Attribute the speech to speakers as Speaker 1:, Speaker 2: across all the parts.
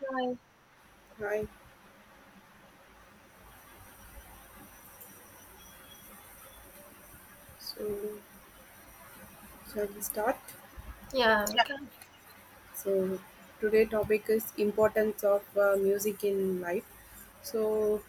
Speaker 1: Right.
Speaker 2: Hi, so shall we start?
Speaker 1: Yeah, we can.
Speaker 2: So Today topic is importance of music in life. So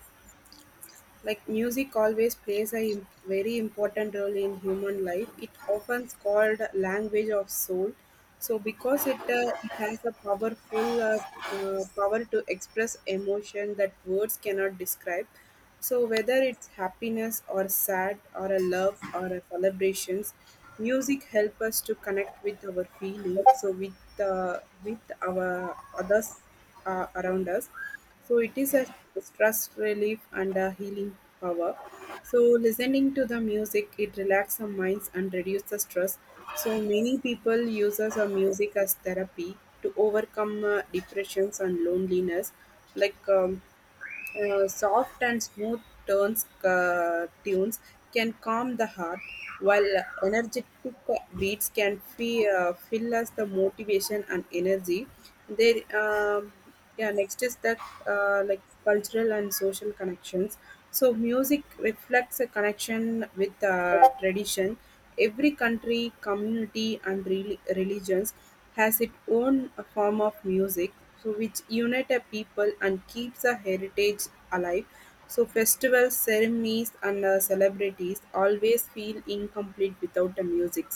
Speaker 2: Music always plays a very important role in human life. It often called language of soul. So because it has a powerful power to express emotion that words cannot describe. So whether it's happiness or sad or a love or a celebrations, music help us to connect with our feelings. So with our others around us, so it is a stress relief and a healing power. So listening to the music, it relaxes the minds and reduces the stress. So many people uses a music as therapy to overcome depressions and loneliness. like um, Soft and smooth turns tunes can calm the heart, while energetic beats can fill us the motivation and energy. They, um yeah. Next is the like cultural and social connections. So music reflects a connection with tradition. Every country, community, and religions has its own form of music, so which unite a people and keeps a heritage alive. So festivals, ceremonies, and celebrities always feel incomplete without the music.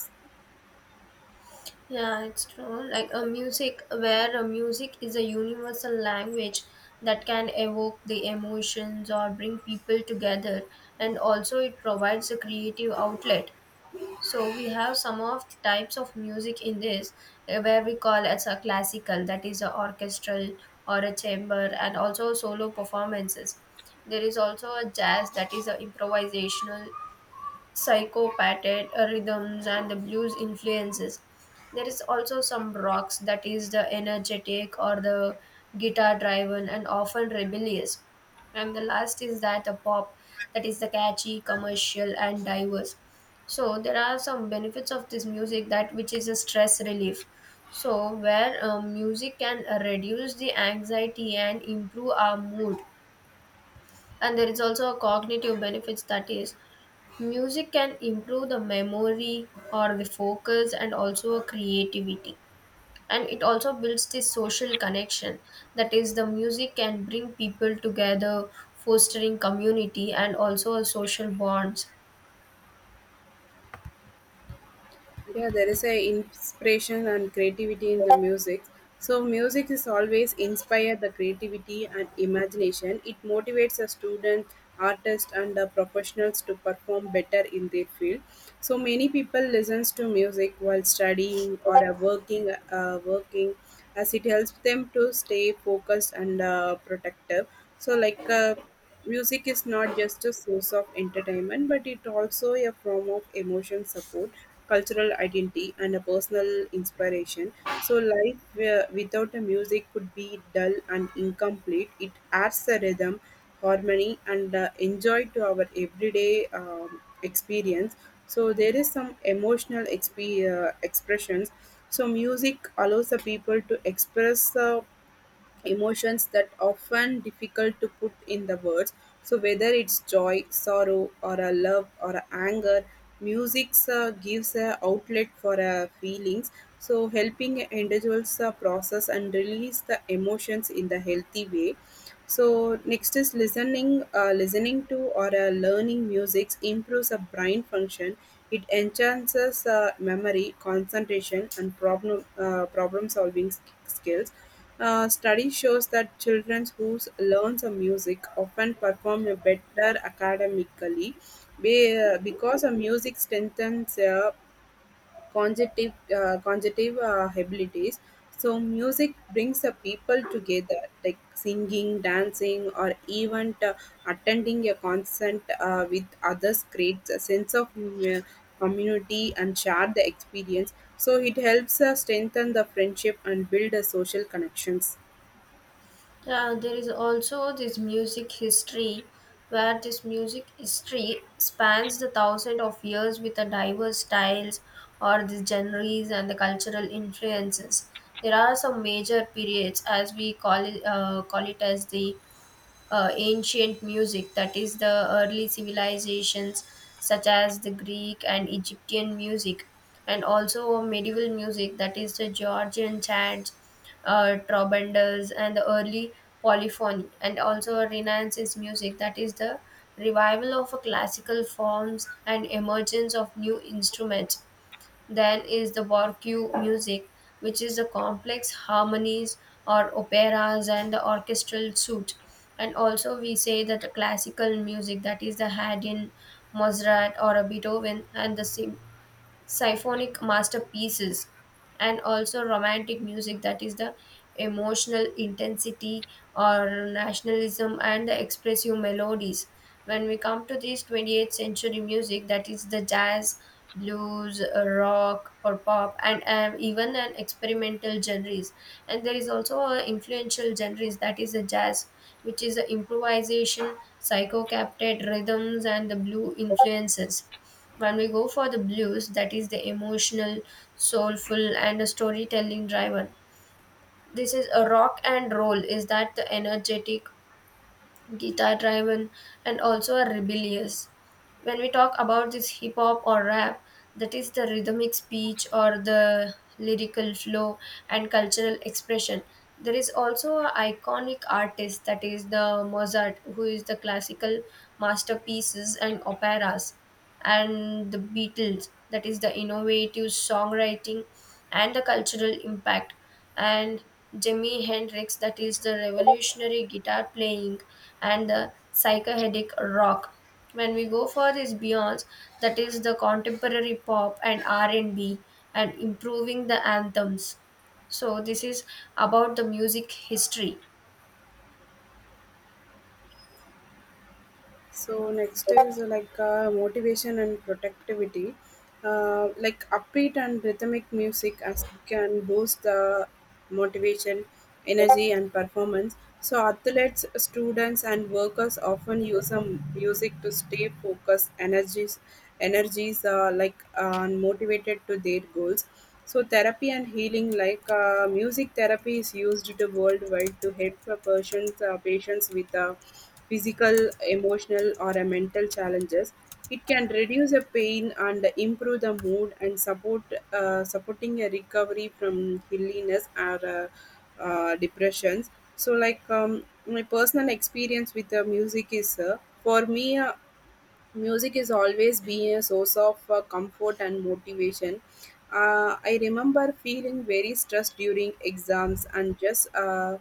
Speaker 1: Yeah, it's true. Like a music where a music is a universal language that can evoke the emotions or bring people together, and also it provides a creative outlet. So we have some of the types of music in this where we call as a classical, that is a orchestral or a chamber, and also solo performances. There is also a jazz that is a improvisational psychopathic rhythms and the blues influences. There is also some rocks that is the energetic or the guitar driven and often rebellious. And the last is that a pop that is the catchy, commercial and diverse. So there are some benefits of this music that which is a stress relief. So where music can reduce the anxiety and improve our mood and there is also a cognitive benefits that is music can improve the memory or the focus and also a creativity. And it also builds this social connection. That is, the music can bring people together, fostering community and also a social bonds.
Speaker 2: Yeah, there is a inspiration and creativity in the music. So music is always inspire the creativity and imagination. It motivates a student, artist, and the professionals to perform better in their field. So many people listens to music while studying or working, as it helps them to stay focused and protective. So music is not just a source of entertainment, but it also a form of emotion support, cultural identity, and a personal inspiration. So, life without a music could be dull and incomplete. It adds a rhythm, harmony, and enjoy to our everyday experience. So, there is some expressions. So, music allows the people to express. Emotions that often difficult to put in the words. So whether it's joy, sorrow, or a love or a anger, music gives a outlet for feelings, so helping individuals process and release the emotions in the healthy way. So next is listening to or learning music improves a brain function. It enhances memory, concentration, and problem solving skills. Uh, study shows that children who learn some music often perform better academically, because a music strengthens cognitive abilities. So, music brings the people together, like singing, dancing, or even attending a concert with others, creates a sense of community and share the experience. So, it helps strengthen the friendship and build social connections.
Speaker 1: Yeah, there is also this music history where this music history spans the thousand of years with the diverse styles or the genres and the cultural influences. There are some major periods as we call it, call it as the ancient music, that is, the early civilizations such as the Greek and Egyptian music, and also medieval music, that is, the Georgian chants, trobanders, and the early polyphony, and also Renaissance music, that is, the revival of classical forms and emergence of new instruments. Then is the Warque music, which is the complex harmonies or operas and the orchestral suite. And also we say that the classical music, that is the Haydn, Mozart or a Beethoven, and the symphonic masterpieces, and also romantic music that is the emotional intensity or nationalism and the expressive melodies. When we come to this 20th century music, that is the jazz, blues, rock or pop, and even an experimental genres. And there is also a influential genres, that is the jazz, which is the improvisation, psycho captured rhythms and the blue influences. When we go for the blues, that is the emotional, soulful, and storytelling driven. This is a rock and roll. Is that the energetic, guitar driven and also are rebellious. When we talk about this hip hop or rap, that is the rhythmic speech or the lyrical flow and cultural expression. There is also an iconic artist, that is the Mozart, who is the classical masterpieces and operas, and the Beatles, that is the innovative songwriting and the cultural impact, and Jimi Hendrix, that is the revolutionary guitar playing and the psychedelic rock. When we go for this Beyond, that is the contemporary pop and R&B and B and improving the anthems. So this is about the music history.
Speaker 2: So, next is motivation and productivity. Uh, like upbeat and rhythmic music as can boost the motivation, energy, and performance. So, athletes, students, and workers often use music to stay focused, energies, energies like and motivated to their goals. So, therapy and healing, like music therapy, is used to worldwide to help a person, patients with physical, emotional, or mental challenges. It can reduce the pain and improve the mood and supporting a recovery from hilliness or depressions. So, my personal experience with the music is for me. Music is always been a source of comfort and motivation. Uh, I remember feeling very stressed during exams and just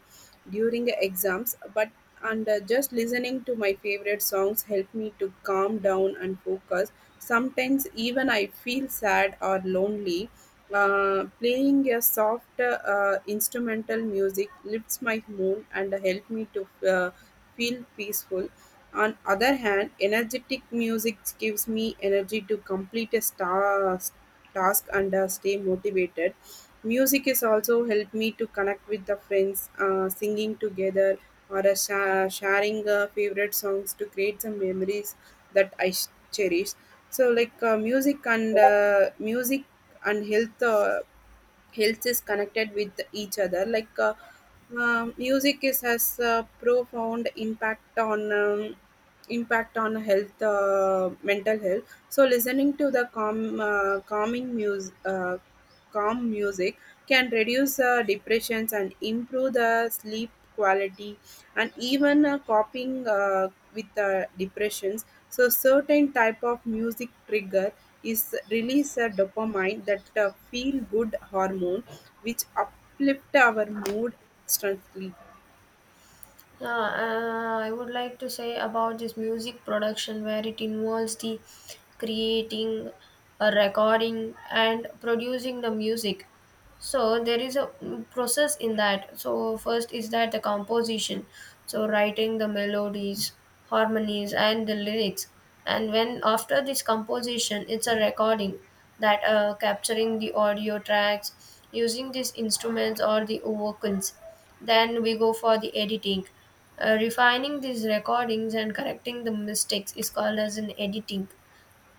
Speaker 2: during the exams but and just listening to my favorite songs helped me to calm down and focus. Sometimes even I feel sad or lonely, playing a soft instrumental music lifts my mood and help me to feel peaceful. On other hand, energetic music gives me energy to complete a task and stay motivated. Music has also helped me to connect with the friends, singing together or sharing favorite songs to create some memories that I cherish. So, music and health health is connected with each other. Music is has a profound impact on health, mental health. So listening to the calming music calm music can reduce depressions and improve the sleep quality, and even coping with depressions. So certain type of music trigger is release a dopamine, that feel good hormone, which uplift our mood instantly.
Speaker 1: I would like to say about this music production where it involves the creating, recording, and producing the music. So there is a process in that. So first is that the composition, so writing the melodies, harmonies and the lyrics. And when after this composition it's a recording, that capturing the audio tracks using these instruments or the vocals. Then we go for the editing. Refining these recordings and correcting the mistakes is called as an editing.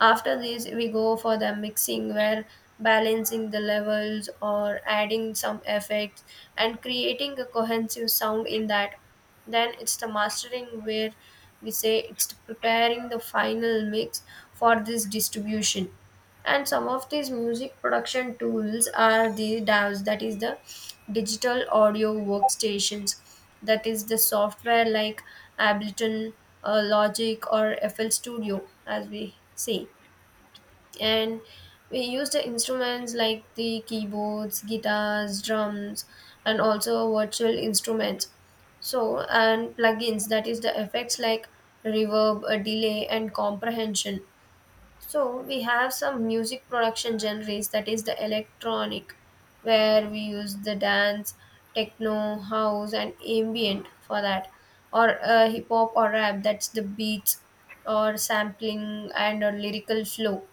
Speaker 1: After this, we go for the mixing where balancing the levels or adding some effects and creating a cohesive sound in that. Then it's the mastering where we say it's preparing the final mix for this distribution. And some of these music production tools are the DAWs, that is the digital audio workstations, that is the software like Ableton, Logic, or FL Studio, as we see. And we used the instruments like the keyboards, guitars, drums, and also virtual instruments, so, and plugins, that is the effects like reverb, delay and comprehension. So we have some music production genres, that is the electronic, where we use the dance, techno, house and ambient for that, or hip hop or rap, that's the beats or sampling and or lyrical flow.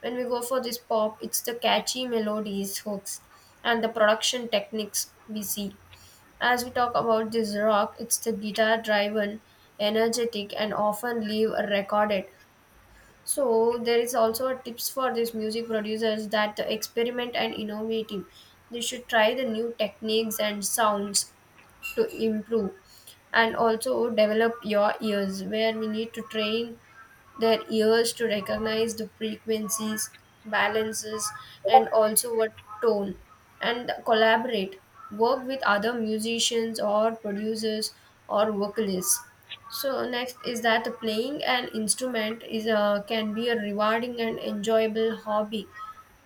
Speaker 1: When we go for this pop, it's the catchy melodies, hooks, and the production techniques we see. As we talk about this rock, it's the guitar driven, energetic, and often live recorded. So there is also a tips for these music producers, that the experiment and innovative. They should try the new techniques and sounds to improve. And also develop your ears, where we need to train their ears to recognize the frequencies, balances, and also what tone. And collaborate, work with other musicians or producers or vocalists. So next is that playing an instrument is a, can be a rewarding and enjoyable hobby,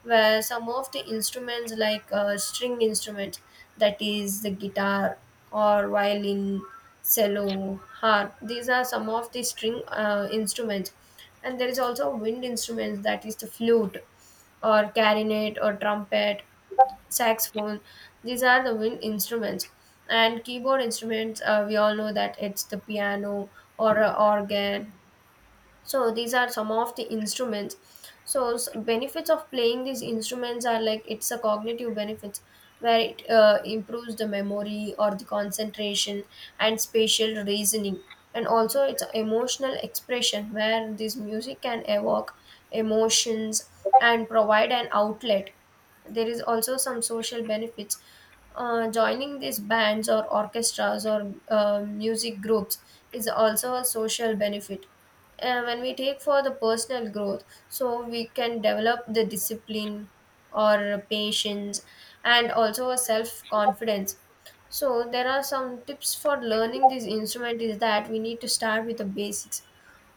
Speaker 1: where some of the instruments like string instruments, that is the guitar or violin, cello, harp. These are some of the string instruments. And there is also wind instruments, that is the flute or clarinet or trumpet, saxophone. These are the wind instruments. And keyboard instruments, we all know that it's the piano or a organ. So these are some of the instruments. So benefits of playing these instruments are like it's a cognitive benefits, where it improves the memory or the concentration and spatial reasoning. And also it's emotional expression, where this music can evoke emotions and provide an outlet. There is also some social benefits. Joining these bands or orchestras or music groups is also a social benefit. When we take for the personal growth, so we can develop the discipline or patience and also a self confidence. So there are some tips for learning this instrument, is that we need to start with the basics.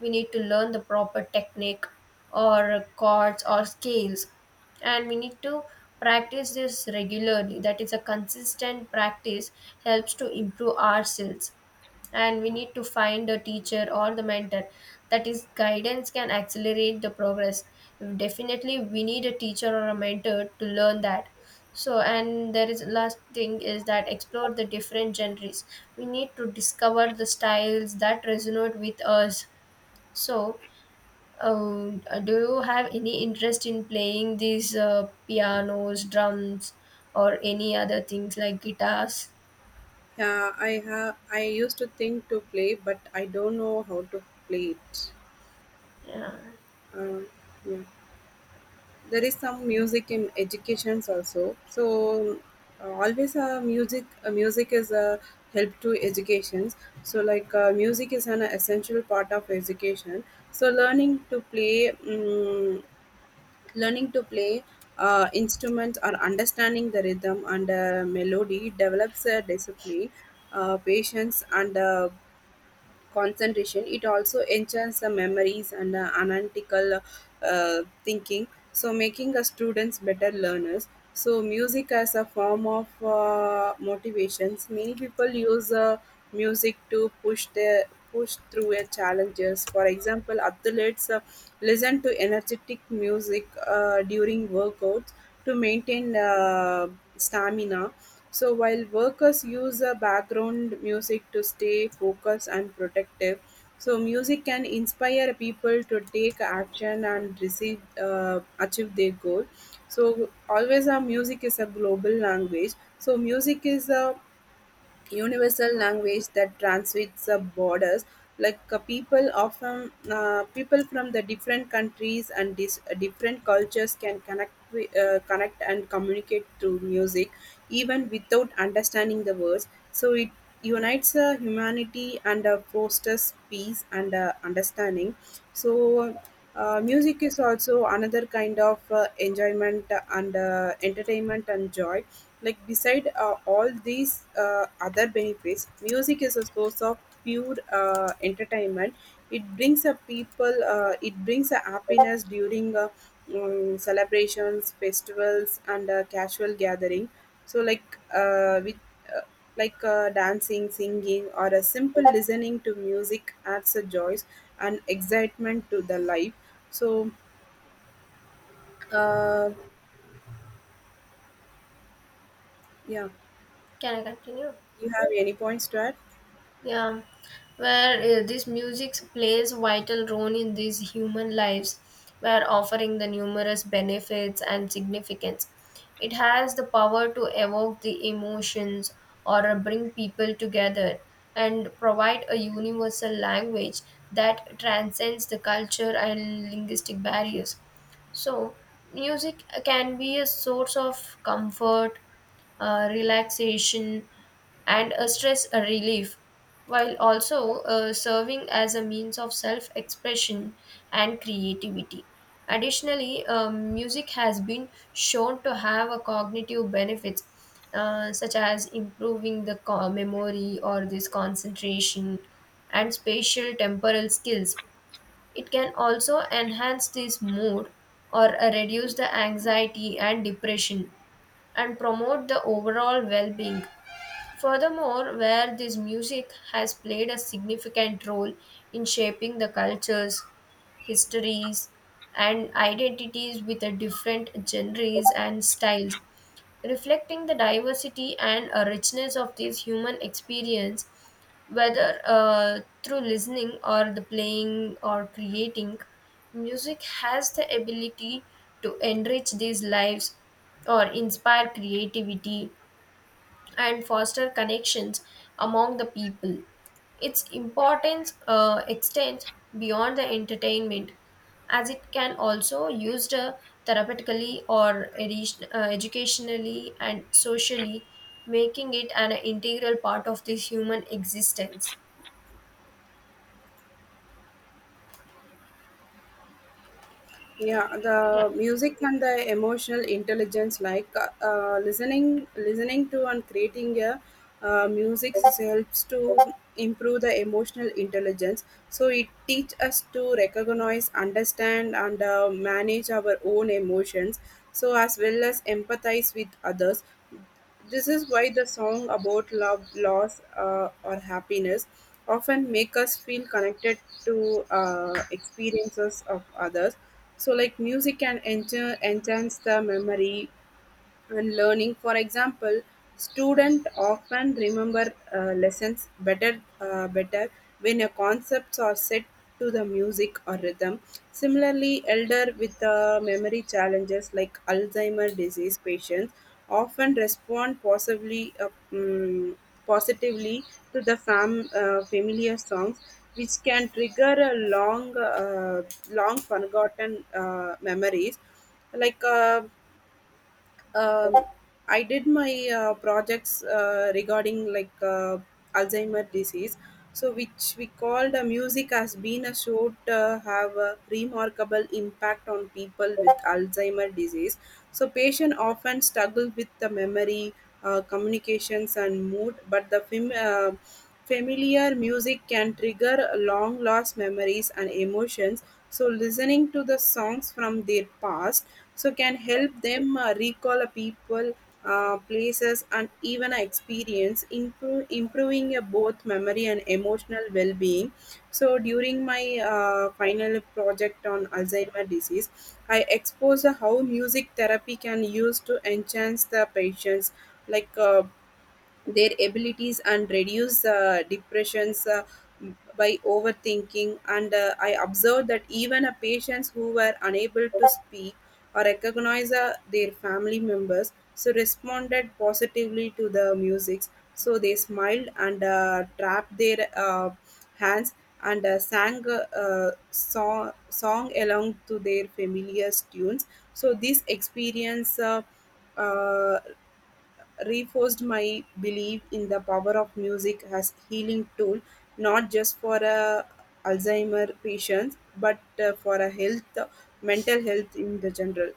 Speaker 1: We need to learn the proper technique or chords or scales, and we need to practice this regularly, that is a consistent practice helps to improve ourselves. And we need to find a teacher or the mentor, that is guidance can accelerate the progress. Definitely we need a teacher or a mentor to learn that. So, and there is last thing, is that explore the different genres. We need to discover the styles that resonate with us. So do you have any interest in playing these pianos, drums, or any other things like guitars?
Speaker 2: Yeah, I have. I used to think to play, but I don't know how to play it.
Speaker 1: Yeah.
Speaker 2: Um, yeah. There is some music in educations also. So always music. Music is a help to educations. So music is an essential part of education. So learning to play instruments or understanding the rhythm and melody develops a discipline, patience, and concentration. It also enchants the memories and analytical thinking, so making the students better learners. So music as a form of motivations. Many people use music to push their push through their challenges. For example, athletes listen to energetic music during workouts to maintain stamina, so while workers use a background music to stay focused and protective, so music can inspire people to take action and receive achieve their goal. So always our music is a global language. So music is a universal language that transcends the borders. People from the different countries and different cultures can connect and communicate through music even without understanding the words. So it unites humanity and fosters peace and understanding. So music is also another kind of enjoyment and entertainment and joy. Beside all these other benefits, music is a source of pure entertainment. It brings a people. It brings a happiness during celebrations, festivals, and casual gathering. So like with uh, like dancing, singing, or a simple listening to music adds a joy and excitement to the life. So uh, yeah,
Speaker 1: Can I continue?
Speaker 2: you have any points to add?
Speaker 1: Yeah, where this music plays vital role in these human lives, where offering the numerous benefits and significance. It has the power to evoke the emotions or bring people together and provide a universal language that transcends the culture and linguistic barriers. So, music can be a source of comfort, relaxation, and a stress relief, while also serving as a means of self expression and creativity. Additionally, music has been shown to have a cognitive benefits such as improving the memory or this concentration and spatial temporal skills. It can also enhance this mood or reduce the anxiety and depression and promote the overall well being. Furthermore, where this music has played a significant role in shaping the cultures, histories, and identities with the different genres and styles, reflecting the diversity and a richness of this human experience, whether through listening or the playing or creating, music has the ability to enrich these lives or inspire creativity and foster connections among the people. Its importance extends beyond the entertainment, as it can also used therapeutically or educationally and socially, making it an integral part of this human existence.
Speaker 2: Yeah,
Speaker 1: Yeah.
Speaker 2: the music and the emotional intelligence, like listening to and creating a music helps to improve the emotional intelligence. So it teach us to recognize, understand, and manage our own emotions, so as well as empathize with others. This is why the song about love, loss, or happiness often make us feel connected to experiences of others. So like music can enter enhance the memory and learning. For example, students often remember lessons better better when your concepts are set to the music or rhythm. Similarly, elder with memory challenges like Alzheimer disease patients often respond positively to the familiar songs, which can trigger a long forgotten memories. like uh, um, I did my projects regarding Alzheimer disease. So, which we called, music has been a show to have a remarkable impact on people with Alzheimer disease. So, patient often struggle with the memory, communications, and mood, but the film. Familiar music can trigger long lost memories and emotions, so listening to the songs from their past, so can help them recall a people, places, and even a experience, improving both memory and emotional well-being. So during my final project on Alzheimer's disease, I exposed how music therapy can use to enhance the patients, like. Uh, their abilities and reduce depressions by overthinking. And I observed that even a patients who were unable to speak or recognize their family members, so responded positively to the music. So they smiled and trapped their hands and song along to their familiar tunes. So this experience uh, reinforced my belief in the power of music as healing tool, not just for a Alzheimer patients, but for a health mental health in the general.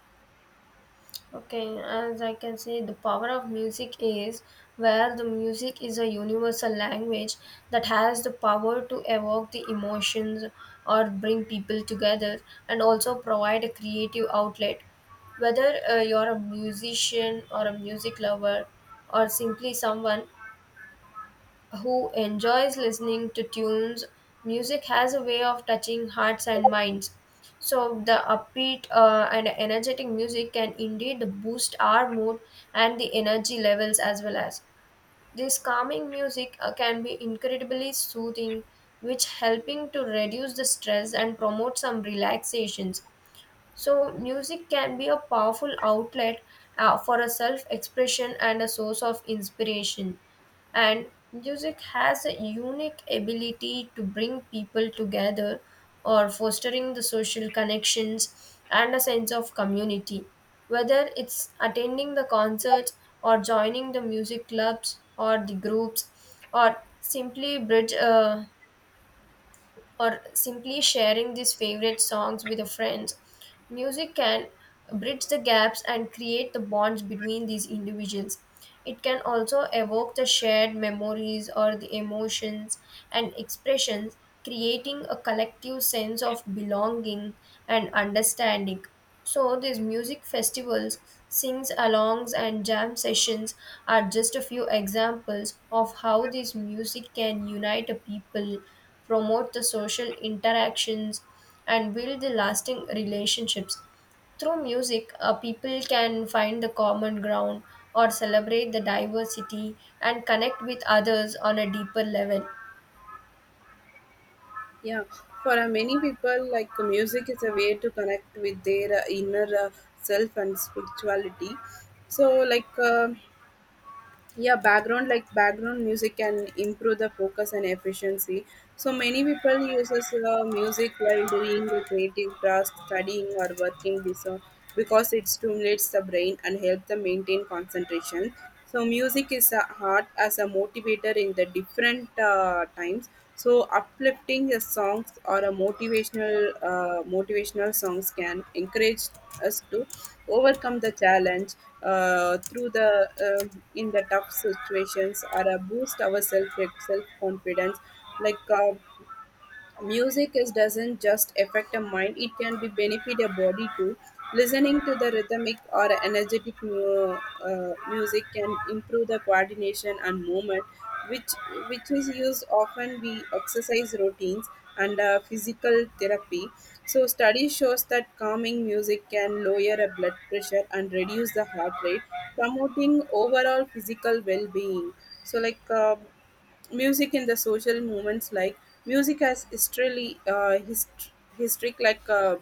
Speaker 1: Okay, as I can say, the power of music is where the music is a universal language that has the power to evoke the emotions or bring people together and also provide a creative outlet. Whether you're a musician or a music lover or simply someone who enjoys listening to tunes. Music has a way of touching hearts and minds. So, the upbeat and energetic music can indeed boost our mood and the energy levels as well as. This calming music can be incredibly soothing, which helping to reduce the stress and promote some relaxations. So, music can be a powerful outlet for a self expression and a source of inspiration. And music has a unique ability to bring people together or fostering the social connections and a sense of community. Whether it's attending the concerts or joining the music clubs or the groups or or simply sharing these favorite songs with a friend. Music can bridge the gaps and create the bonds between these individuals. It can also evoke the shared memories or the emotions and expressions, creating a collective sense of belonging and understanding. So these music festivals, sings-alongs and jam sessions are just a few examples of how this music can unite a people, promote the social interactions, and build the lasting relationships. Through music, people can find the common ground or celebrate the diversity and connect with others on a deeper level.
Speaker 2: Yeah, for many people, music is a way to connect with their inner self and spirituality. So background music can improve the focus and efficiency. So many people uses music while doing a creative task, studying, or working, because it stimulates the brain and helps them maintain concentration. So music is a heart as a motivator in the different times. So uplifting songs or a motivational songs can encourage us to overcome the challenge through the uh, in the tough situations, or boost our self confidence. like uh, Music is doesn't just affect a mind; it can be benefit a body too. Listening to the rhythmic or energetic music can improve the coordination and movement, which which is used often we exercise routines and physical therapy. So study shows that calming music can lower a blood pressure and reduce the heart rate, promoting overall physical well-being. So like. Uh, Music in the social movements, like music has history, history, like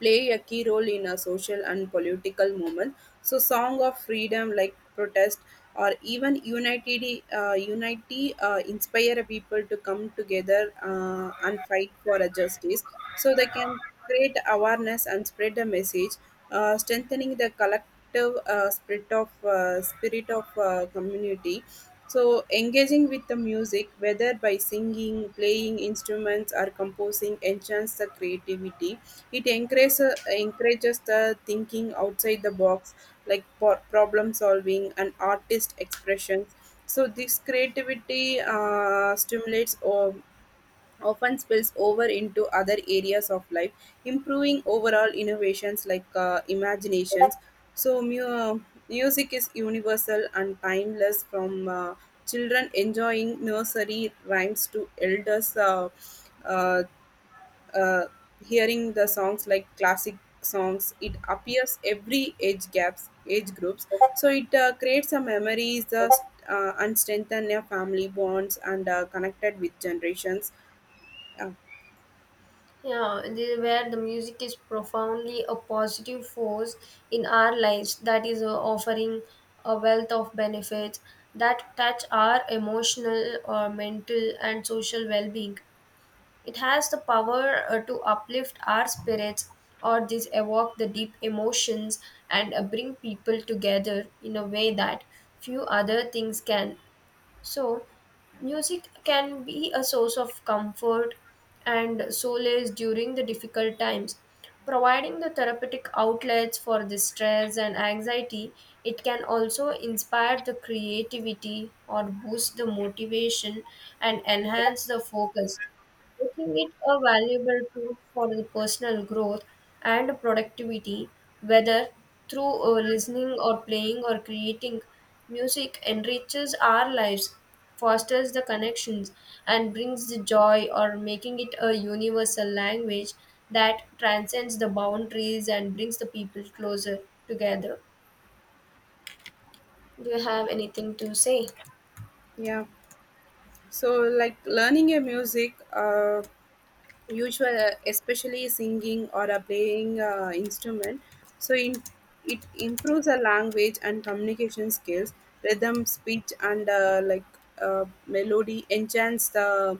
Speaker 2: play a key role in a social and political movement, so song of freedom, like protest or even unity inspire people to come together and fight for a justice, so they can create awareness and spread the message, strengthening the collective spirit of community. So, engaging with the music, whether by singing, playing instruments, or composing, enhances the creativity. It encourages the thinking outside the box, like problem solving and artist expressions. So, this creativity stimulates often spills over into other areas of life, improving overall innovations, like imaginations. So, music is universal and timeless, from children enjoying nursery rhymes to elders uh, uh, hearing the songs like classic songs. It appears every age gaps, age groups, so it creates a memories, and strengthen their family bonds and connected with generations. Uh,
Speaker 1: Yeah, the, where the music is profoundly a positive force in our lives, that is offering a wealth of benefits that touch our emotional or mental and social well being. It has the power to uplift our spirits or this evoke the deep emotions and bring people together in a way that few other things can. So, music can be a source of comfort and solace during the difficult times. Providing the therapeutic outlets for the stress and anxiety, it can also inspire the creativity or boost the motivation and enhance the focus, making it a valuable tool for the personal growth and productivity, whether through listening or playing or creating. Music enriches our lives, fosters the connections, and brings the joy, or making it a universal language that transcends the boundaries and brings the people closer together. Do you have anything to say?
Speaker 2: Yeah. So, like learning a music, usual, especially singing or playing instrument, so in, it improves the language and communication skills, rhythm speech and melody enhance the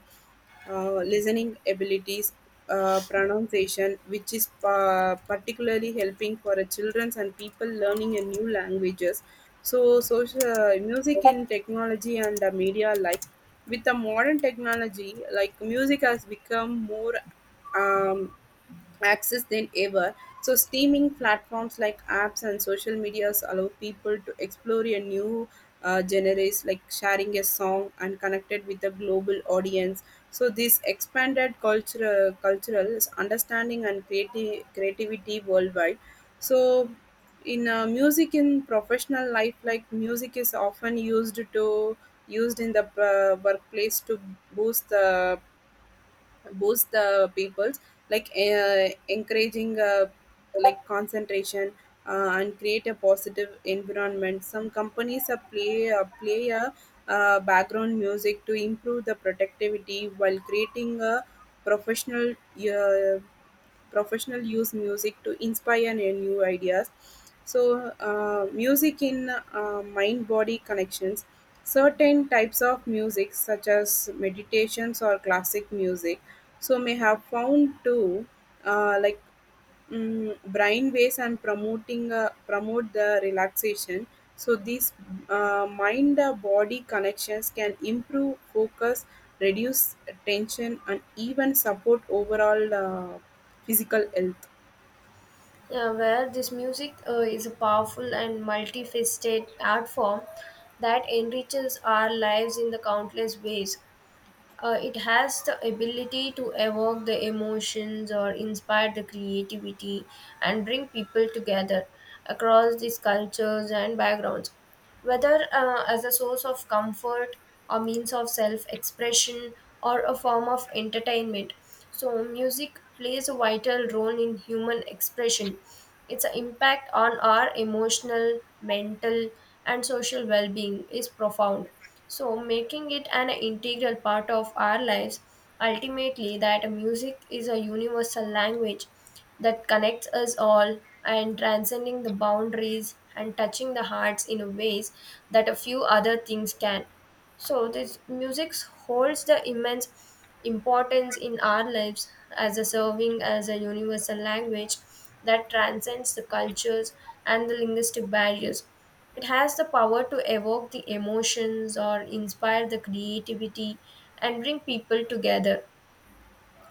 Speaker 2: listening abilities, pronunciation, which is particularly helping for children and people learning a new languages. So social, music in technology and media, like with the modern technology, like music has become more um, access than ever. So, streaming platforms like apps and social medias allow people to explore a new genres, like sharing a song and connected with a global audience. So, this expanded cultural understanding and creativity worldwide. So, in music in professional life, like music is often used in the workplace to boost the boost the people's, like encouraging, like concentration, and create a positive environment. Some companies play a background music to improve the productivity while creating a professional, uh, professional use music to inspire new ideas. So, music in mind body connections, certain types of music such as meditations or classic music, so may have found to uh, like brain waves and promoting promote the relaxation. So these mind body connections can improve focus, reduce tension, and even support overall physical health.
Speaker 1: Yeah, where this music is a powerful and multifaceted art form that enriches our lives in the countless ways. It has the ability to evoke the emotions or inspire the creativity and bring people together across these cultures and backgrounds. Whether as a source of comfort, a means of self expression, or a form of entertainment. So, music plays a vital role in human expression. Its impact on our emotional, mental, and social well being is profound, so making it an integral part of our lives, ultimately that music is a universal language that connects us all and transcending the boundaries and touching the hearts in ways that a few other things can. So this music holds the immense importance in our lives, as a serving as a universal language that transcends the cultures and the linguistic barriers. It has the power to evoke the emotions or inspire the creativity and bring people together.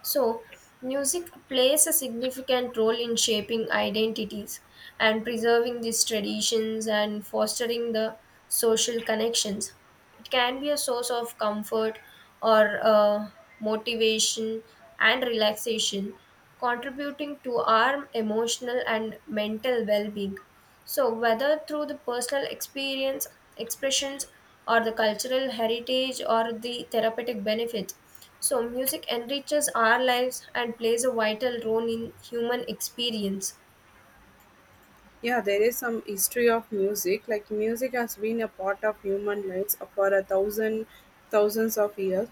Speaker 1: So, music plays a significant role in shaping identities and preserving these traditions and fostering the social connections. It can be a source of comfort or motivation and relaxation, contributing to our emotional and mental well being. So, whether through the personal experience, expressions, or the cultural heritage or the therapeutic benefits, so, music enriches our lives and plays a vital role in human experience.
Speaker 2: Yeah, there is some history of music. Like music has been a part of human lives for a thousands of years.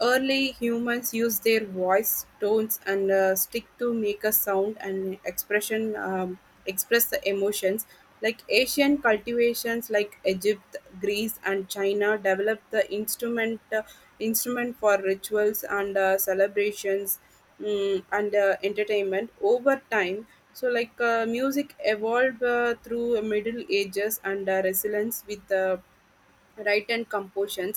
Speaker 2: Early humans used their voice, tones, and stick to make a sound and expression, express the emotions. Like Asian cultivations, like Egypt, Greece, and China, developed the instrument for rituals and celebrations, and entertainment over time. So, like music evolved through Middle Ages and resilience with right and compositions